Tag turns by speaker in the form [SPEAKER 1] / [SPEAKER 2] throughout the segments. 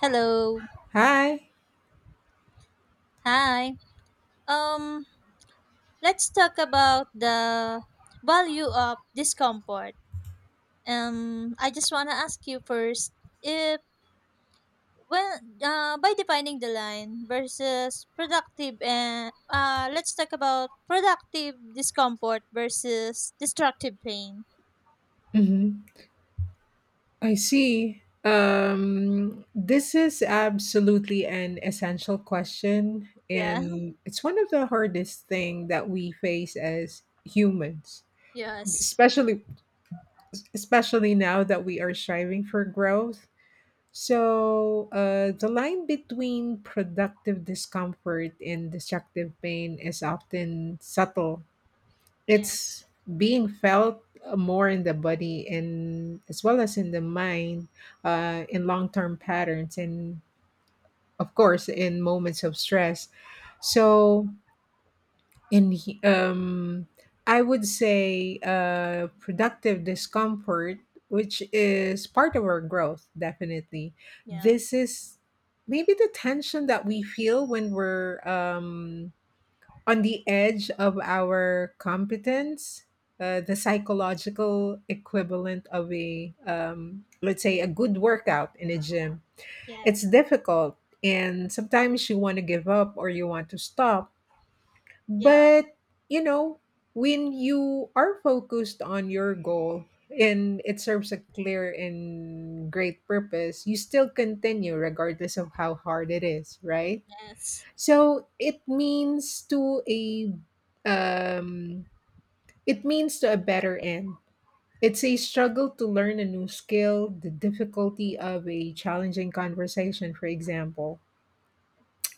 [SPEAKER 1] Hello.
[SPEAKER 2] Hi.
[SPEAKER 1] Hi. Um, let's talk about the value of discomfort. I just want to ask you first, if well, by defining the line versus productive, and let's talk about productive discomfort versus destructive pain.
[SPEAKER 2] hmm I see. This is absolutely an essential question,
[SPEAKER 1] Yeah.
[SPEAKER 2] and it's one of the hardest thing that we face as humans,
[SPEAKER 1] Yes.
[SPEAKER 2] especially especially now that we are striving for growth. So, the line between productive discomfort and destructive pain is often subtle.
[SPEAKER 1] Yes.
[SPEAKER 2] It's being felt more in the body and as well as in the mind, in long term patterns, and of course, in moments of stress. So, in he- um, I would say productive discomfort, which is part of our growth, definitely.
[SPEAKER 1] Yeah.
[SPEAKER 2] This is maybe the tension that we feel when we're on the edge of our competence, the psychological equivalent of a let's say, a good workout in a gym.
[SPEAKER 1] Yeah.
[SPEAKER 2] It's difficult, and sometimes you want to give up or you want to stop,
[SPEAKER 1] Yeah.
[SPEAKER 2] but you know, when you are focused on your goal and it serves a clear and great purpose, you still continue regardless of how hard it is, right?
[SPEAKER 1] Yes.
[SPEAKER 2] So it means to a um, it means to a better end. It's a struggle to learn a new skill, the difficulty of a challenging conversation, for example,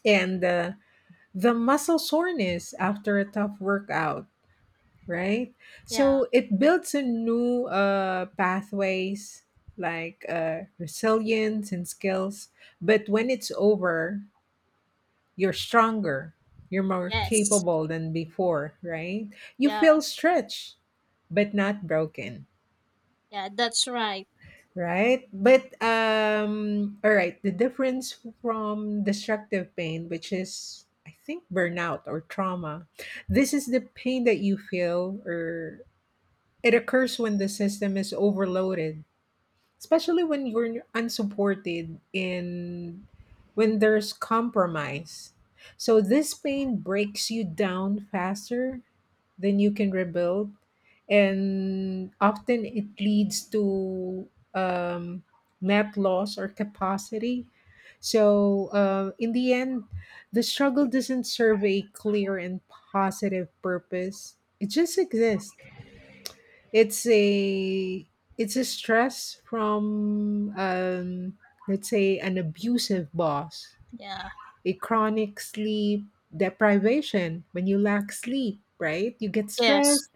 [SPEAKER 2] and the muscle soreness after a tough workout, right?
[SPEAKER 1] Yeah.
[SPEAKER 2] So it builds a new pathways like resilience and skills. But when it's over, you're stronger, you're more
[SPEAKER 1] Yes.
[SPEAKER 2] capable than before, right? You
[SPEAKER 1] Yeah.
[SPEAKER 2] feel stretched, but not broken,
[SPEAKER 1] Yeah. That's right.
[SPEAKER 2] right? But all right, the difference from destructive pain, which is, I think, burnout or trauma, this is the pain that you feel, or it occurs when the system is overloaded, especially when you're unsupported and when there's compromise. So this pain breaks you down faster than you can rebuild, and often it leads to um, net loss or capacity. So in the end, the struggle doesn't serve a clear and positive purpose. It just exists. It's a it's a stress from let's say, an abusive boss,
[SPEAKER 1] Yeah.
[SPEAKER 2] a chronic sleep deprivation. When you lack sleep, right? You get
[SPEAKER 1] Yes.
[SPEAKER 2] stressed.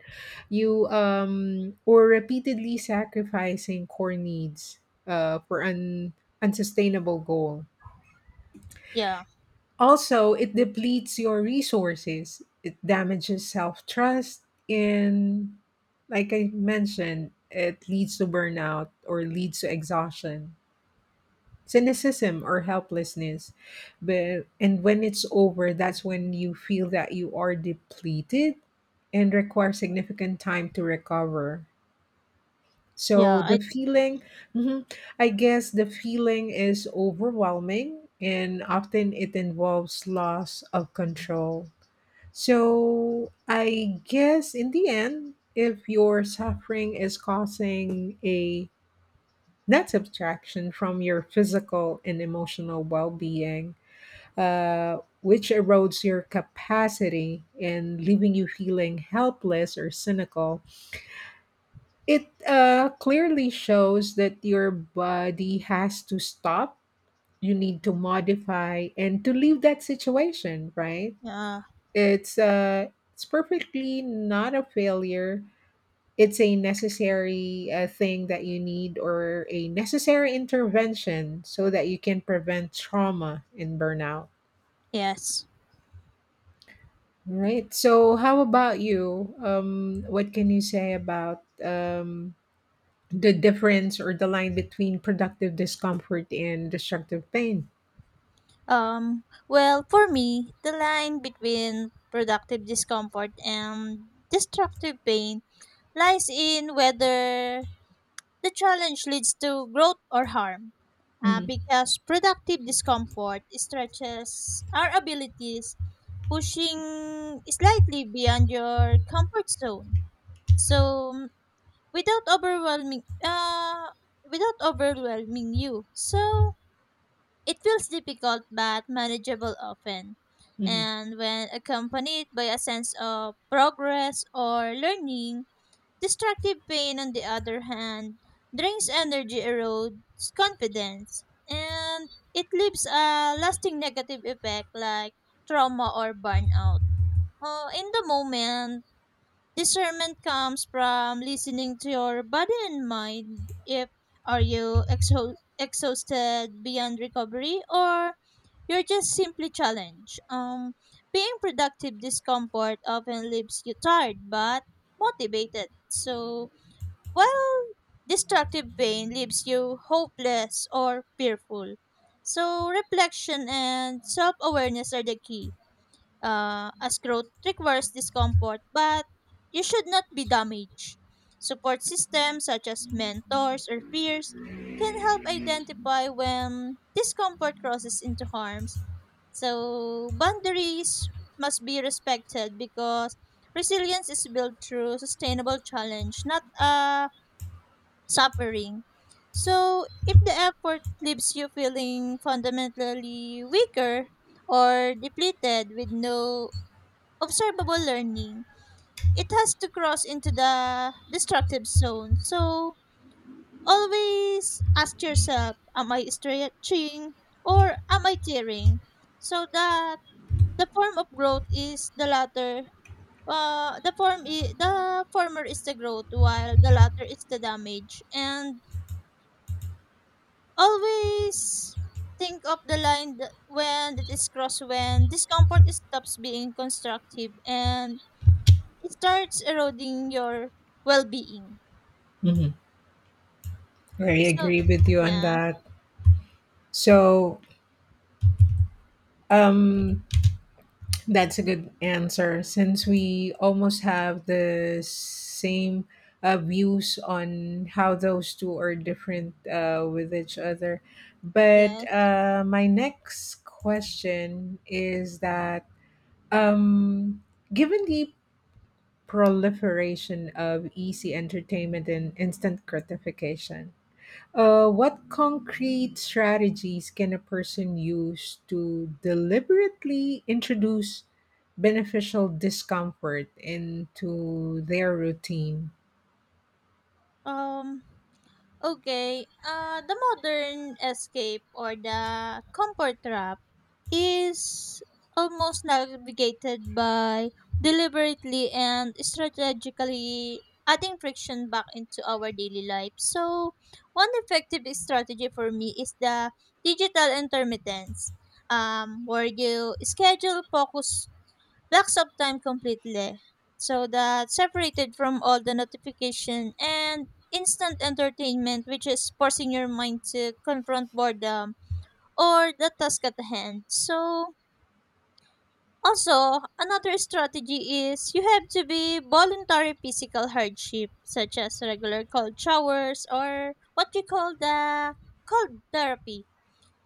[SPEAKER 2] You Or repeatedly sacrificing core needs for an unsustainable goal.
[SPEAKER 1] Yeah,
[SPEAKER 2] Also, it depletes your resources. It damages self trust. And like I mentioned, it leads to burnout or leads to exhaustion, cynicism, or helplessness. But, and when it's over, that's when you feel that you are depleted and require significant time to recover.
[SPEAKER 1] yeah,
[SPEAKER 2] So the
[SPEAKER 1] I,
[SPEAKER 2] feeling, mhm, I guess the feeling is overwhelming, and often it involves loss of control. So I guess, in the end, if your suffering is causing a net subtraction from your physical and emotional well being, which erodes your capacity and leaving you feeling helpless or cynical, it clearly shows that your body has to stop, you need to modify, and to leave that situation, right?
[SPEAKER 1] uh
[SPEAKER 2] It's perfectly not a failure. It's a necessary thing that you need, or a necessary intervention so that you can prevent trauma and burnout,
[SPEAKER 1] yes.
[SPEAKER 2] right? So, how about you? What can you say about the difference or the line between productive discomfort and destructive pain?
[SPEAKER 1] Well, for me the line between productive discomfort and destructive pain lies in whether the challenge leads to growth or harm.
[SPEAKER 2] hmm
[SPEAKER 1] Because productive discomfort stretches our abilities, pushing slightly beyond your comfort zone. So, without overwhelming uh without overwhelming you. So it feels difficult but manageable often,
[SPEAKER 2] hmm
[SPEAKER 1] and when accompanied by a sense of progress or learning. Destructive pain, on the other hand, drains energy, erodes confidence, and it leaves a lasting negative effect like trauma or burnout. In the moment, discernment comes from listening to your body and mind. If, are you exhausted? Exhausted beyond recovery, or you're just simply challenged? Being productive discomfort often leaves you tired but motivated. So, while destructive pain leaves you hopeless or fearful. So, reflection and self awareness are the key. As growth requires discomfort, but you should not be damaged. Support systems such as mentors or peers can help identify when discomfort crosses into harms, so boundaries must be respected, because resilience is built through sustainable challenge, not suffering. So if the effort leaves you feeling fundamentally weaker or depleted with no observable learning, it has to cross into the destructive zone. So always ask yourself, am I stretching or am I tearing? So that the form of growth is the latter. The former is the growth, while the latter is the damage. And always think of the line, when it is crossed, when discomfort stops being constructive and it starts eroding your well-being.
[SPEAKER 2] hmm I
[SPEAKER 1] So,
[SPEAKER 2] agree with you on
[SPEAKER 1] yeah,
[SPEAKER 2] that. So um, that's a good answer, since we almost have the same views on how those two are different with each other. But
[SPEAKER 1] yes.
[SPEAKER 2] my next question is that, Um, given the proliferation of easy entertainment and instant gratification, what concrete strategies can a person use to deliberately introduce beneficial discomfort into their routine?
[SPEAKER 1] Um. Okay. The modern escape, or the comfort trap, is almost navigated by deliberately and strategically adding friction back into our daily life. So, one effective strategy for me is the digital intermittence, where you schedule focus blocks of time completely, so that separated from all the notification and instant entertainment, which is forcing your mind to confront boredom or the task at hand. So also, another strategy is you have to be voluntary physical hardship, such as regular cold showers, or what you call the cold therapy.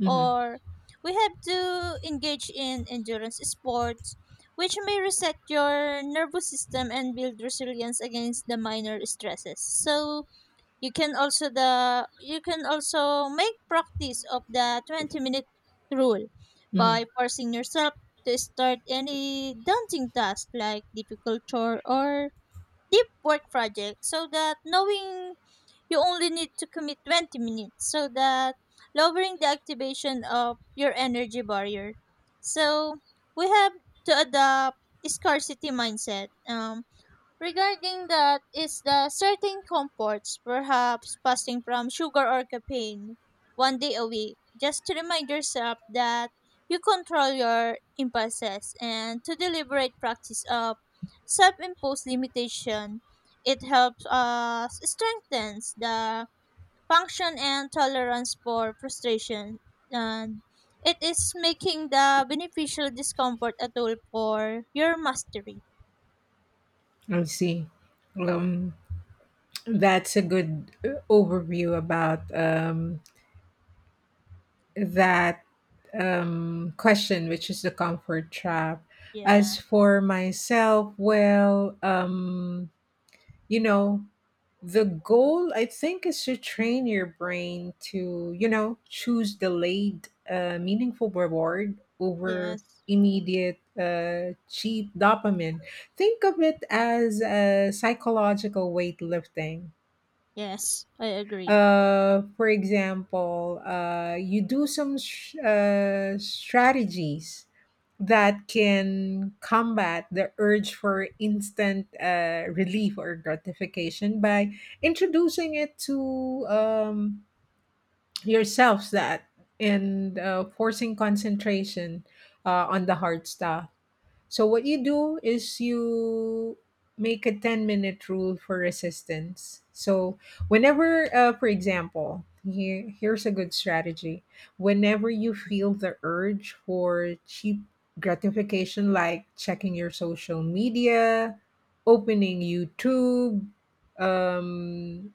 [SPEAKER 2] Mm-hmm.
[SPEAKER 1] Or we have to engage in endurance sports, which may reset your nervous system and build resilience against the minor stresses. So, you can also make practice of the 20-minute rule
[SPEAKER 2] Mm-hmm.
[SPEAKER 1] by forcing yourself to start any daunting task, like difficult chore or deep work project, so that knowing you only need to commit 20 minutes, so that lowering the activation of your energy barrier. So we have to adopt scarcity mindset. Regarding that is the certain comforts, perhaps fasting from sugar or caffeine one day a week, just to remind yourself that you control your impulses, and to deliberate practice of self-imposed limitation. It helps us strengthens the function and tolerance for frustration, and it is making the beneficial discomfort a tool for your mastery.
[SPEAKER 2] I see. Um, that's a good overview about that question, which is the comfort trap.
[SPEAKER 1] Yeah.
[SPEAKER 2] As for myself, well, you know, the goal, I think, is to train your brain to, you know, choose delayed, meaningful reward over
[SPEAKER 1] Yes.
[SPEAKER 2] immediate, cheap dopamine. Think of it as a psychological weightlifting.
[SPEAKER 1] Yes, I agree.
[SPEAKER 2] For example, you do some strategies that can combat the urge for instant relief or gratification by introducing it to yourselves that, and forcing concentration on the hard stuff. So what you do is you make a 10-minute rule for resistance. So whenever, for example, here's a good strategy. Whenever you feel the urge for cheap gratification, like checking your social media, opening YouTube, um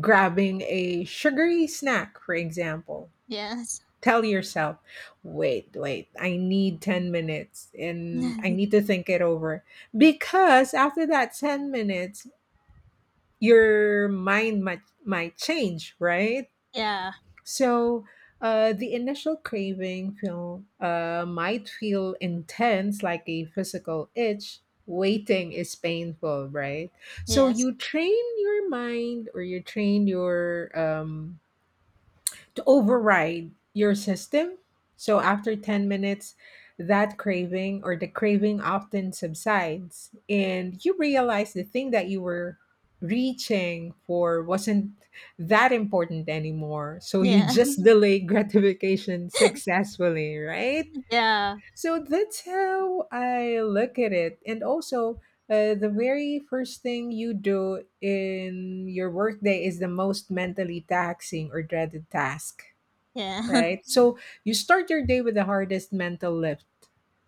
[SPEAKER 2] grabbing a sugary snack, for example,
[SPEAKER 1] Yes.
[SPEAKER 2] tell yourself, wait, wait, I need 10 minutes and I need to think it over. Because after that 10 minutes, your mind might change, right?
[SPEAKER 1] Yeah.
[SPEAKER 2] So the initial craving feel, might feel intense, like a physical itch. Waiting is painful, right? So
[SPEAKER 1] Yes.
[SPEAKER 2] you train your mind, or you train your to override your system. So after 10 minutes, that craving, or the craving, often subsides, and you realize the thing that you were reaching for wasn't that important anymore. So you
[SPEAKER 1] Yeah.
[SPEAKER 2] just delay gratification successfully, right?
[SPEAKER 1] Yeah.
[SPEAKER 2] So that's how I look at it. And also, the very first thing you do in your workday is the most mentally taxing or dreaded task,
[SPEAKER 1] Yeah.
[SPEAKER 2] right? So you start your day with the hardest mental lift.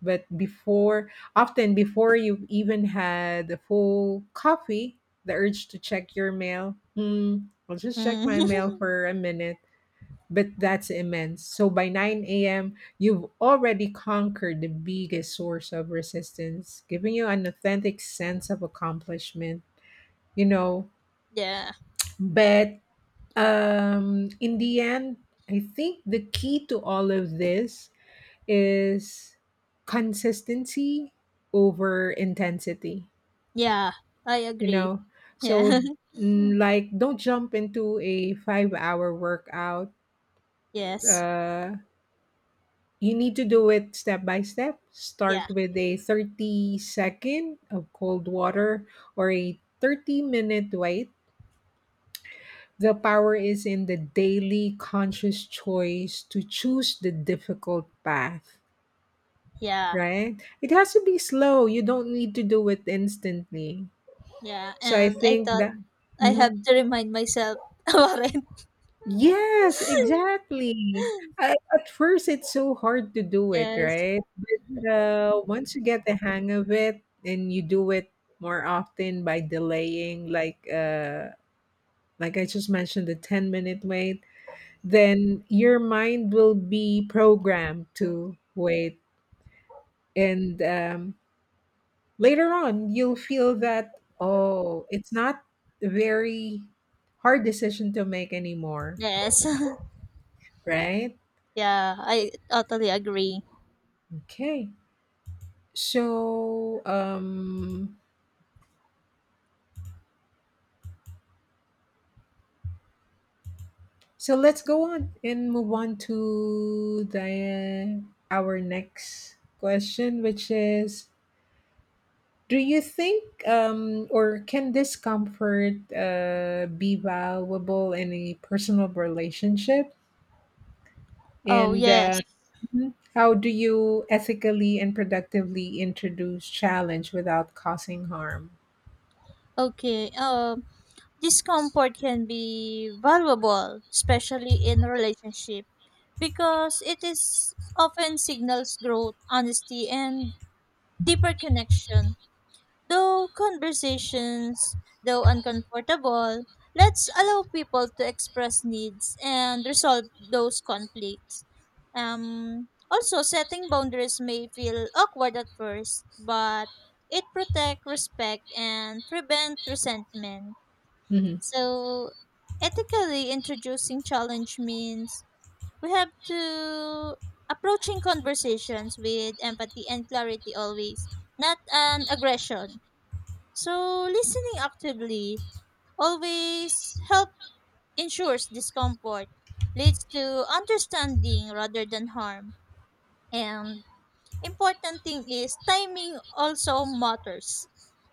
[SPEAKER 2] But before, often before you've even had a full coffee, the urge to check your mail, hmm, I'll just check
[SPEAKER 1] Mm.
[SPEAKER 2] my mail for a minute. But that's immense. So by 9 a.m., you've already conquered the biggest source of resistance, giving you an authentic sense of accomplishment, you know.
[SPEAKER 1] Yeah.
[SPEAKER 2] But In the end, I think the key to all of this is consistency over intensity,
[SPEAKER 1] Yeah. I
[SPEAKER 2] you
[SPEAKER 1] agree.
[SPEAKER 2] know? So,
[SPEAKER 1] Yeah.
[SPEAKER 2] mm, like, don't jump into a 5 hour workout.
[SPEAKER 1] Yes.
[SPEAKER 2] Uh, you need to do it step by step.
[SPEAKER 1] Yeah.
[SPEAKER 2] Start with a 30 second of cold water or a 30-minute wait. The power is in the daily conscious choice to choose the difficult path,
[SPEAKER 1] Yeah.
[SPEAKER 2] right? It has to be slow. You don't need to do it instantly.
[SPEAKER 1] Yeah.
[SPEAKER 2] So I
[SPEAKER 1] And I
[SPEAKER 2] think
[SPEAKER 1] thought
[SPEAKER 2] that.
[SPEAKER 1] I have
[SPEAKER 2] Mhm.
[SPEAKER 1] to remind myself about it.
[SPEAKER 2] Yes, exactly. At first, it's so hard to do it,
[SPEAKER 1] Yes.
[SPEAKER 2] right? Once you get the hang of it, and you do it more often by delaying, like I just mentioned, the 10 minute wait, then your mind will be programmed to wait, and later on, you'll feel that, oh, it's not a very hard decision to make anymore,
[SPEAKER 1] Yes.
[SPEAKER 2] right?
[SPEAKER 1] Yeah, I totally agree.
[SPEAKER 2] Okay. So, so let's go on and move on to the our next question, which is, do you think, or can discomfort be valuable in a personal relationship?
[SPEAKER 1] Oh,
[SPEAKER 2] And
[SPEAKER 1] yes.
[SPEAKER 2] mhm. How do you ethically and productively introduce challenge without causing harm?
[SPEAKER 1] Okay. Discomfort can be valuable, especially in relationship, because it is often signals growth, honesty, and deeper connection. Though conversations, though uncomfortable, let's allow people to express needs and resolve those conflicts. Also, setting boundaries may feel awkward at first, but it protects respect and prevent resentment.
[SPEAKER 2] hmm
[SPEAKER 1] So, ethically introducing challenge means we have to approaching conversations with empathy and clarity always, not an aggression. So listening actively always help ensures discomfort leads to understanding rather than harm. And important thing is timing also matters,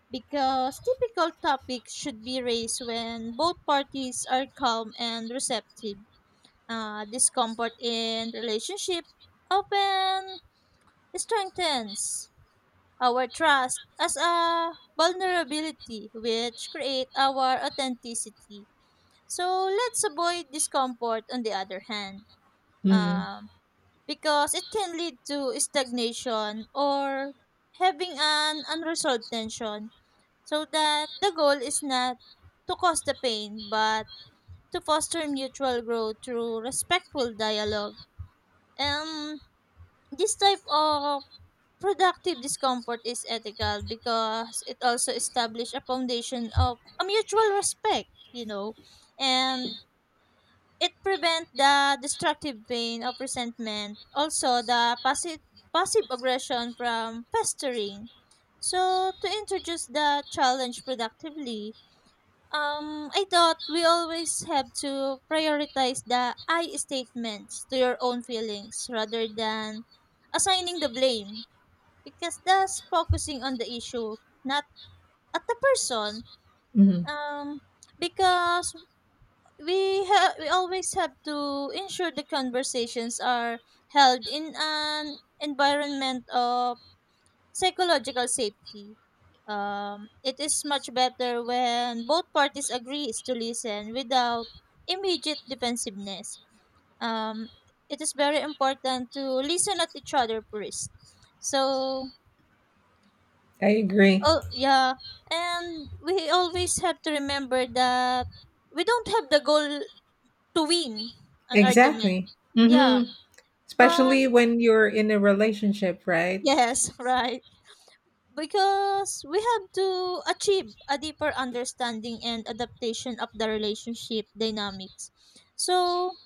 [SPEAKER 1] because typical topics should be raised when both parties are calm and receptive. Discomfort in relationship often strengthens our trust as a vulnerability, which create our authenticity. So let's avoid discomfort. On the other hand,
[SPEAKER 2] hmm
[SPEAKER 1] um, because it can lead to stagnation or having an unresolved tension. So that the goal is not to cause the pain, but to foster mutual growth through respectful dialogue. And this type of productive discomfort is ethical because it also establishes a foundation of a mutual respect, and it prevents the destructive pain of resentment, also the passive aggression from festering. So, to introduce the challenge productively, I thought we always have to prioritize the I statements to your own feelings rather than assigning the blame, because that's focusing on the issue, not at the person.
[SPEAKER 2] hmm
[SPEAKER 1] Um, because we always have to ensure the conversations are held in an environment of psychological safety. It is much better when both parties agrees to listen without immediate defensiveness. Um, it is very important to listen at each other first. So,
[SPEAKER 2] I agree.
[SPEAKER 1] oh, yeah, and we always have to remember that we don't have the goal to win an argument.
[SPEAKER 2] Exactly.
[SPEAKER 1] Yeah,
[SPEAKER 2] hmm
[SPEAKER 1] but
[SPEAKER 2] Especially when you're in a relationship, right?
[SPEAKER 1] yes, right. Because we have to achieve a deeper understanding and adaptation of the relationship dynamics. So,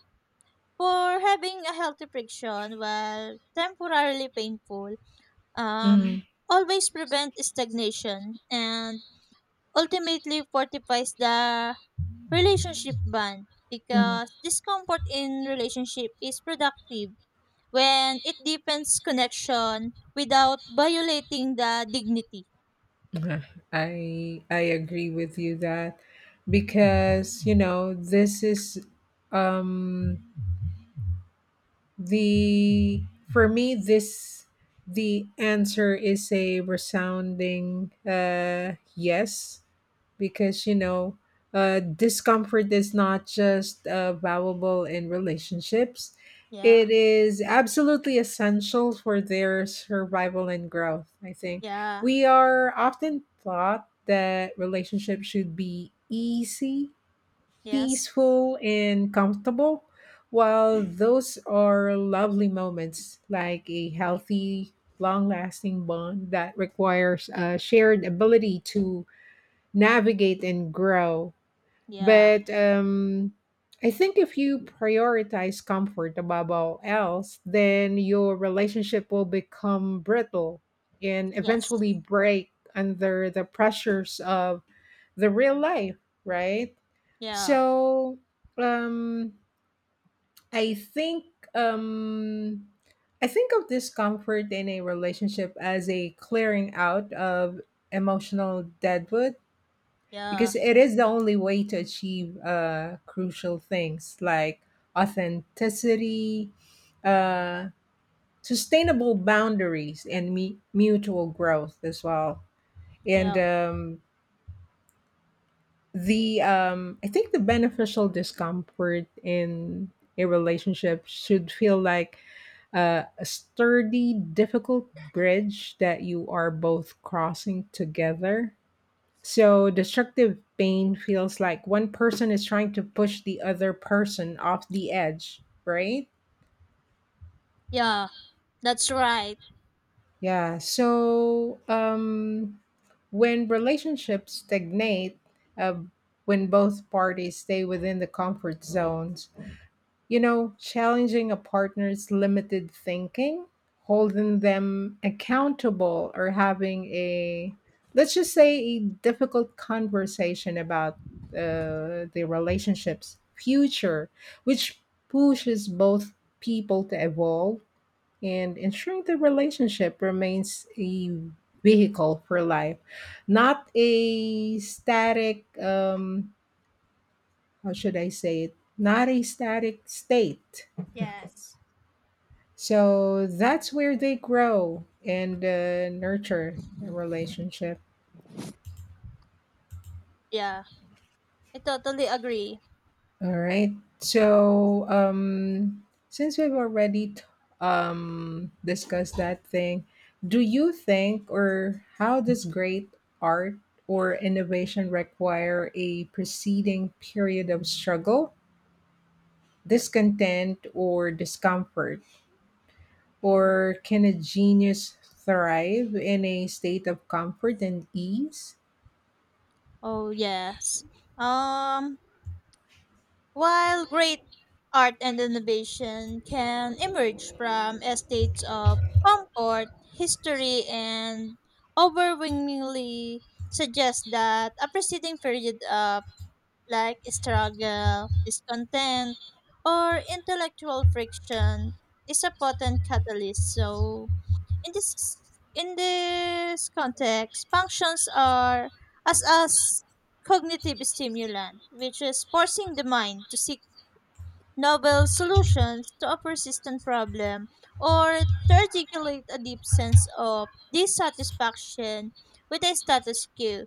[SPEAKER 1] for having a healthy friction, while temporarily painful, um,
[SPEAKER 2] hmm
[SPEAKER 1] always prevent stagnation and ultimately fortifies the relationship bond,
[SPEAKER 2] hmm
[SPEAKER 1] because discomfort in relationship is productive when it deepens connection without violating the dignity.
[SPEAKER 2] Uh, I agree with you that, because you know, this is um the for me this the answer is a resounding yes. Because you know, discomfort is not just valuable in relationships,
[SPEAKER 1] Yeah.
[SPEAKER 2] it is absolutely essential for their survival and growth, I think.
[SPEAKER 1] Yeah.
[SPEAKER 2] We are often taught that relationships should be easy,
[SPEAKER 1] Yes.
[SPEAKER 2] peaceful, and comfortable, while those are lovely moments, like a healthy, long lasting bond that requires a shared ability to navigate and grow.
[SPEAKER 1] Yeah.
[SPEAKER 2] But I think if you prioritize comfort above all else, then your relationship will become brittle and
[SPEAKER 1] Yes.
[SPEAKER 2] eventually break under the pressures of the real life, right?
[SPEAKER 1] Yeah.
[SPEAKER 2] So um, I think. Um, I think of discomfort in a relationship as a clearing out of emotional deadwood,
[SPEAKER 1] Yeah.
[SPEAKER 2] because it is the only way to achieve crucial things like authenticity, uh, sustainable boundaries, and mutual growth as well. And
[SPEAKER 1] Yeah.
[SPEAKER 2] the I think the beneficial discomfort in a relationship should feel like a sturdy, difficult bridge that you are both crossing together. So destructive pain feels like one person is trying to push the other person off the edge, right?
[SPEAKER 1] Yeah. That's right.
[SPEAKER 2] Yeah. So when relationships stagnate, uh, when both parties stay within the comfort zones, you know, challenging a partner's limited thinking, holding them accountable, or having a, let's just say, a difficult conversation about the relationship's future, which pushes both people to evolve and ensuring the relationship remains a vehicle for life, not a static, how should I say it? Not a static state.
[SPEAKER 1] Yes.
[SPEAKER 2] So that's where they grow and nurture a relationship.
[SPEAKER 1] Yeah. I totally agree.
[SPEAKER 2] All right. So since we've already discussed that thing, do you think, or how does great art or innovation require a preceding period of struggle, discontent, or discomfort? Or can a genius thrive in a state of comfort and ease?
[SPEAKER 1] Oh, yes. Um, while great art and innovation can emerge from estates of comfort, history, and overwhelmingly suggest that a preceding period of like struggle, discontent, or intellectual friction is a potent catalyst. So, in this context, functions are as cognitive stimulant, which is forcing the mind to seek novel solutions to a persistent problem, or to articulate a deep sense of dissatisfaction with a status quo.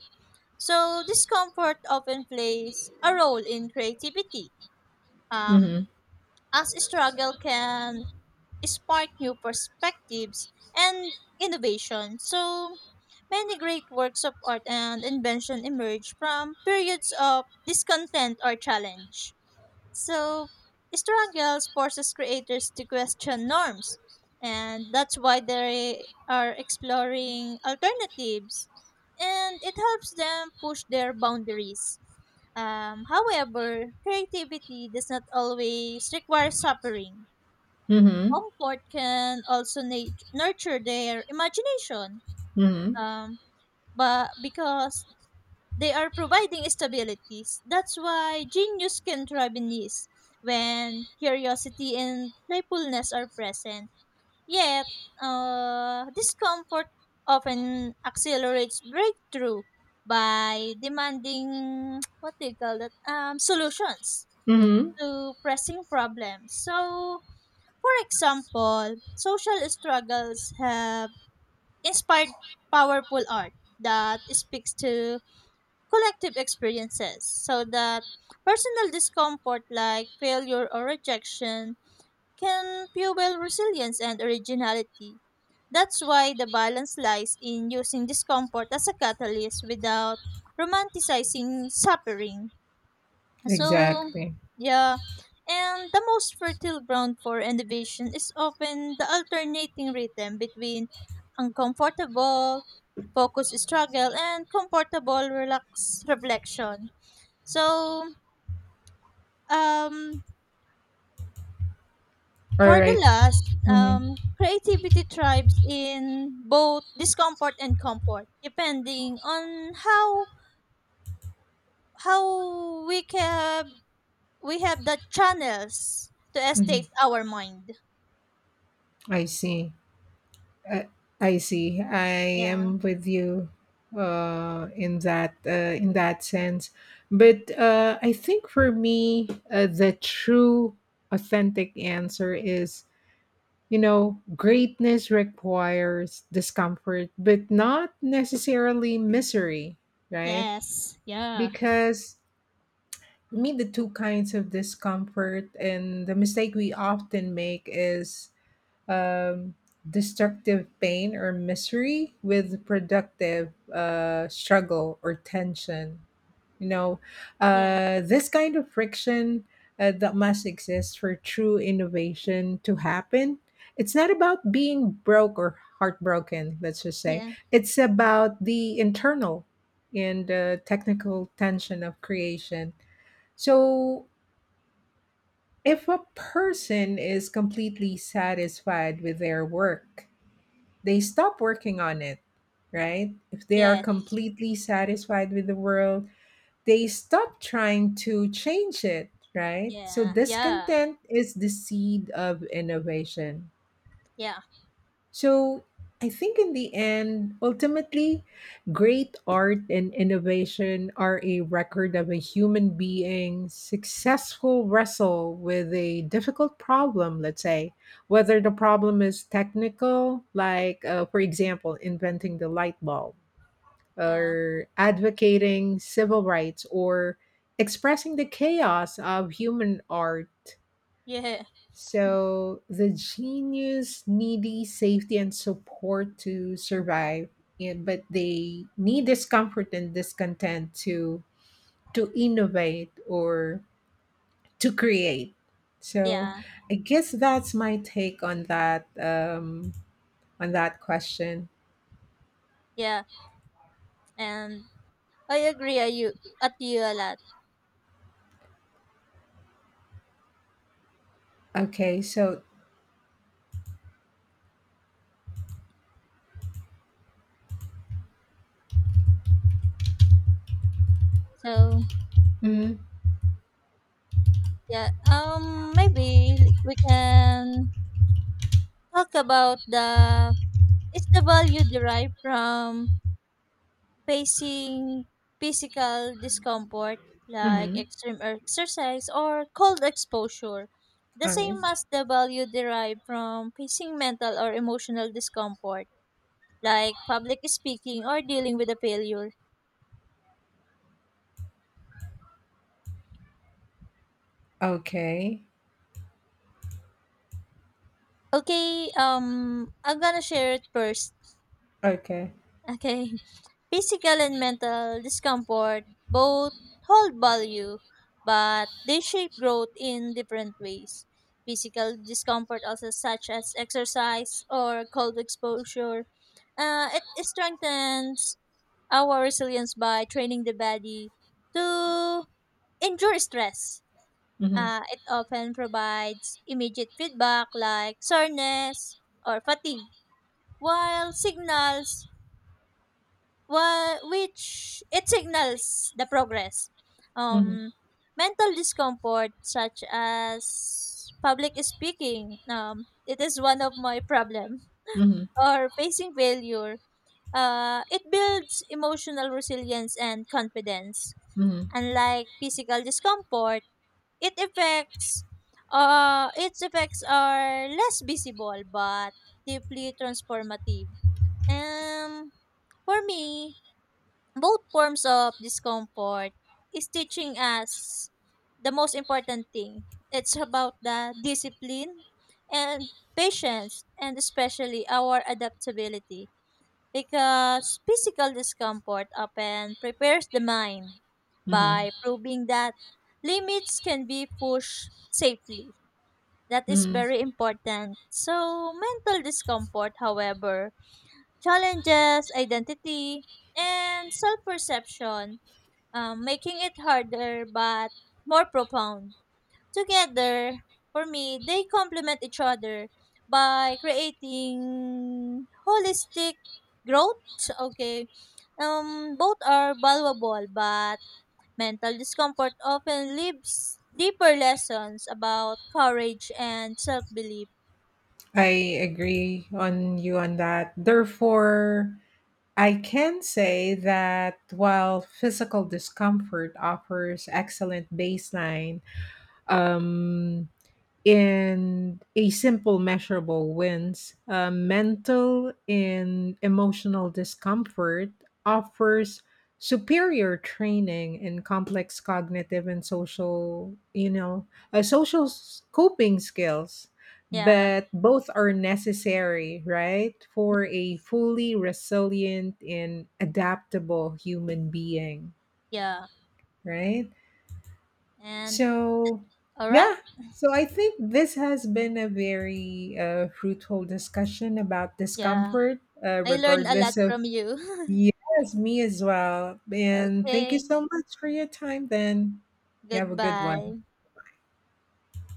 [SPEAKER 1] So discomfort often plays a role in creativity, um,
[SPEAKER 2] Mhm.
[SPEAKER 1] as struggle can spark new perspectives and innovation. So many great works of art and invention emerge from periods of discontent or challenge. So struggles forces creators to question norms, and that's why they are exploring alternatives, and it helps them push their boundaries. However, creativity does not always require suffering.
[SPEAKER 2] Mhm.
[SPEAKER 1] Comfort can also nurture their imagination,
[SPEAKER 2] Mhm.
[SPEAKER 1] um, but because they are providing stabilities, that's why genius can thrive in this when curiosity and playfulness are present. Yet, discomfort often accelerates breakthrough by demanding what do you call that solutions
[SPEAKER 2] Mhm.
[SPEAKER 1] to pressing problems. So, for example, social struggles have inspired powerful art that speaks to collective experiences, so that personal discomfort like failure or rejection can fuel resilience and originality. That's why the balance lies in using discomfort as a catalyst without romanticizing suffering. So,
[SPEAKER 2] Exactly.
[SPEAKER 1] yeah. And the most fertile ground for innovation is often the alternating rhythm between uncomfortable, focus struggle, and comfortable relaxed reflection. So, um,
[SPEAKER 2] All
[SPEAKER 1] for the
[SPEAKER 2] right.
[SPEAKER 1] last,
[SPEAKER 2] Mhm.
[SPEAKER 1] creativity thrives in both discomfort and comfort, depending on how we have the channels to
[SPEAKER 2] Mhm.
[SPEAKER 1] estate our mind.
[SPEAKER 2] I see. I, I see. I
[SPEAKER 1] Yeah.
[SPEAKER 2] am with you in that sense. But I think for me, the true authentic answer is, you know, greatness requires discomfort but not necessarily misery, right?
[SPEAKER 1] Yes. Yeah.
[SPEAKER 2] Because, for me, the two kinds of discomfort and the mistake we often make is um, destructive pain or misery with productive struggle or tension, you know,
[SPEAKER 1] Yeah.
[SPEAKER 2] this kind of friction that must exist for true innovation to happen. It's not about being broke or heartbroken, let's just say.
[SPEAKER 1] Yeah.
[SPEAKER 2] It's about the internal and technical tension of creation. So, if a person is completely satisfied with their work, they stop working on it, right? If they are
[SPEAKER 1] Yes.
[SPEAKER 2] completely satisfied with the world, they stop trying to change it, right? So,
[SPEAKER 1] Yeah. Yeah.
[SPEAKER 2] discontent is the seed of innovation. So I think, in the end, ultimately, great art and innovation are a record of a human being successful wrestle with a difficult problem, let's say, whether the problem is technical, like, for example, inventing the light bulb,
[SPEAKER 1] Yeah.
[SPEAKER 2] or advocating civil rights, or expressing the chaos of human art.
[SPEAKER 1] Yeah.
[SPEAKER 2] So the genius needy safety and support to survive, and but they need discomfort and discontent to innovate or to create.
[SPEAKER 1] Yeah.
[SPEAKER 2] So
[SPEAKER 1] Yeah.
[SPEAKER 2] I guess that's my take on that question.
[SPEAKER 1] Yeah. And I agree at you a lot.
[SPEAKER 2] Okay, so,
[SPEAKER 1] So,
[SPEAKER 2] mm,
[SPEAKER 1] yeah. Maybe we can talk about the is the value derived from facing physical discomfort, like
[SPEAKER 2] mm-hmm,
[SPEAKER 1] extreme exercise or cold exposure, the
[SPEAKER 2] all right.
[SPEAKER 1] same as the value derived from facing mental or emotional discomfort, like public speaking or dealing with a failure.
[SPEAKER 2] Okay,
[SPEAKER 1] Okay, I'm gonna share it first.
[SPEAKER 2] okay.
[SPEAKER 1] Okay. Physical and mental discomfort both hold value, but they shape growth in different ways. Physical discomfort, also such as exercise or cold exposure, it strengthens our resilience by training the body to endure stress.
[SPEAKER 2] Mm-hmm,
[SPEAKER 1] It often provides immediate feedback like soreness or fatigue, while signals which it signals the progress.
[SPEAKER 2] mm-hmm,
[SPEAKER 1] Um, Mental discomfort such as public speaking, it is one of my problem,
[SPEAKER 2] mm-hmm,
[SPEAKER 1] or facing failure. It builds emotional resilience and confidence.
[SPEAKER 2] mm-hmm,
[SPEAKER 1] Unlike physical discomfort, it affects its effects are less visible but deeply transformative. Um, for me, both forms of discomfort is teaching us the most important thing. It's about the discipline and patience, and especially our adaptability, because physical discomfort often prepares the mind
[SPEAKER 2] mm-hmm,
[SPEAKER 1] by proving that limits can be pushed safely. That is
[SPEAKER 2] mm-hmm.
[SPEAKER 1] very important. So, mental discomfort, however, challenges identity and self perception, making it harder but more profound. Together, for me, they complement each other by creating holistic growth. Okay, both are valuable, but mental discomfort often leaves deeper lessons about courage and self belief.
[SPEAKER 2] I agree on you on that. Therefore, I can say that while physical discomfort offers excellent baseline, um, in a simple measurable wins, mental and emotional discomfort offers superior training in complex cognitive and social, you know, coping skills,
[SPEAKER 1] Yeah,
[SPEAKER 2] but both are necessary, right, for a fully resilient and adaptable human being,
[SPEAKER 1] yeah,
[SPEAKER 2] right?
[SPEAKER 1] and
[SPEAKER 2] So,
[SPEAKER 1] all right,
[SPEAKER 2] yeah. So I think this has been a very fruitful discussion about
[SPEAKER 1] yeah.
[SPEAKER 2] discomfort,
[SPEAKER 1] I learned a lot
[SPEAKER 2] regardless of.
[SPEAKER 1] from you.
[SPEAKER 2] Yes, me as well. And thank you
[SPEAKER 1] Okay,
[SPEAKER 2] so much for your time then. You have a good one.
[SPEAKER 1] goodbye.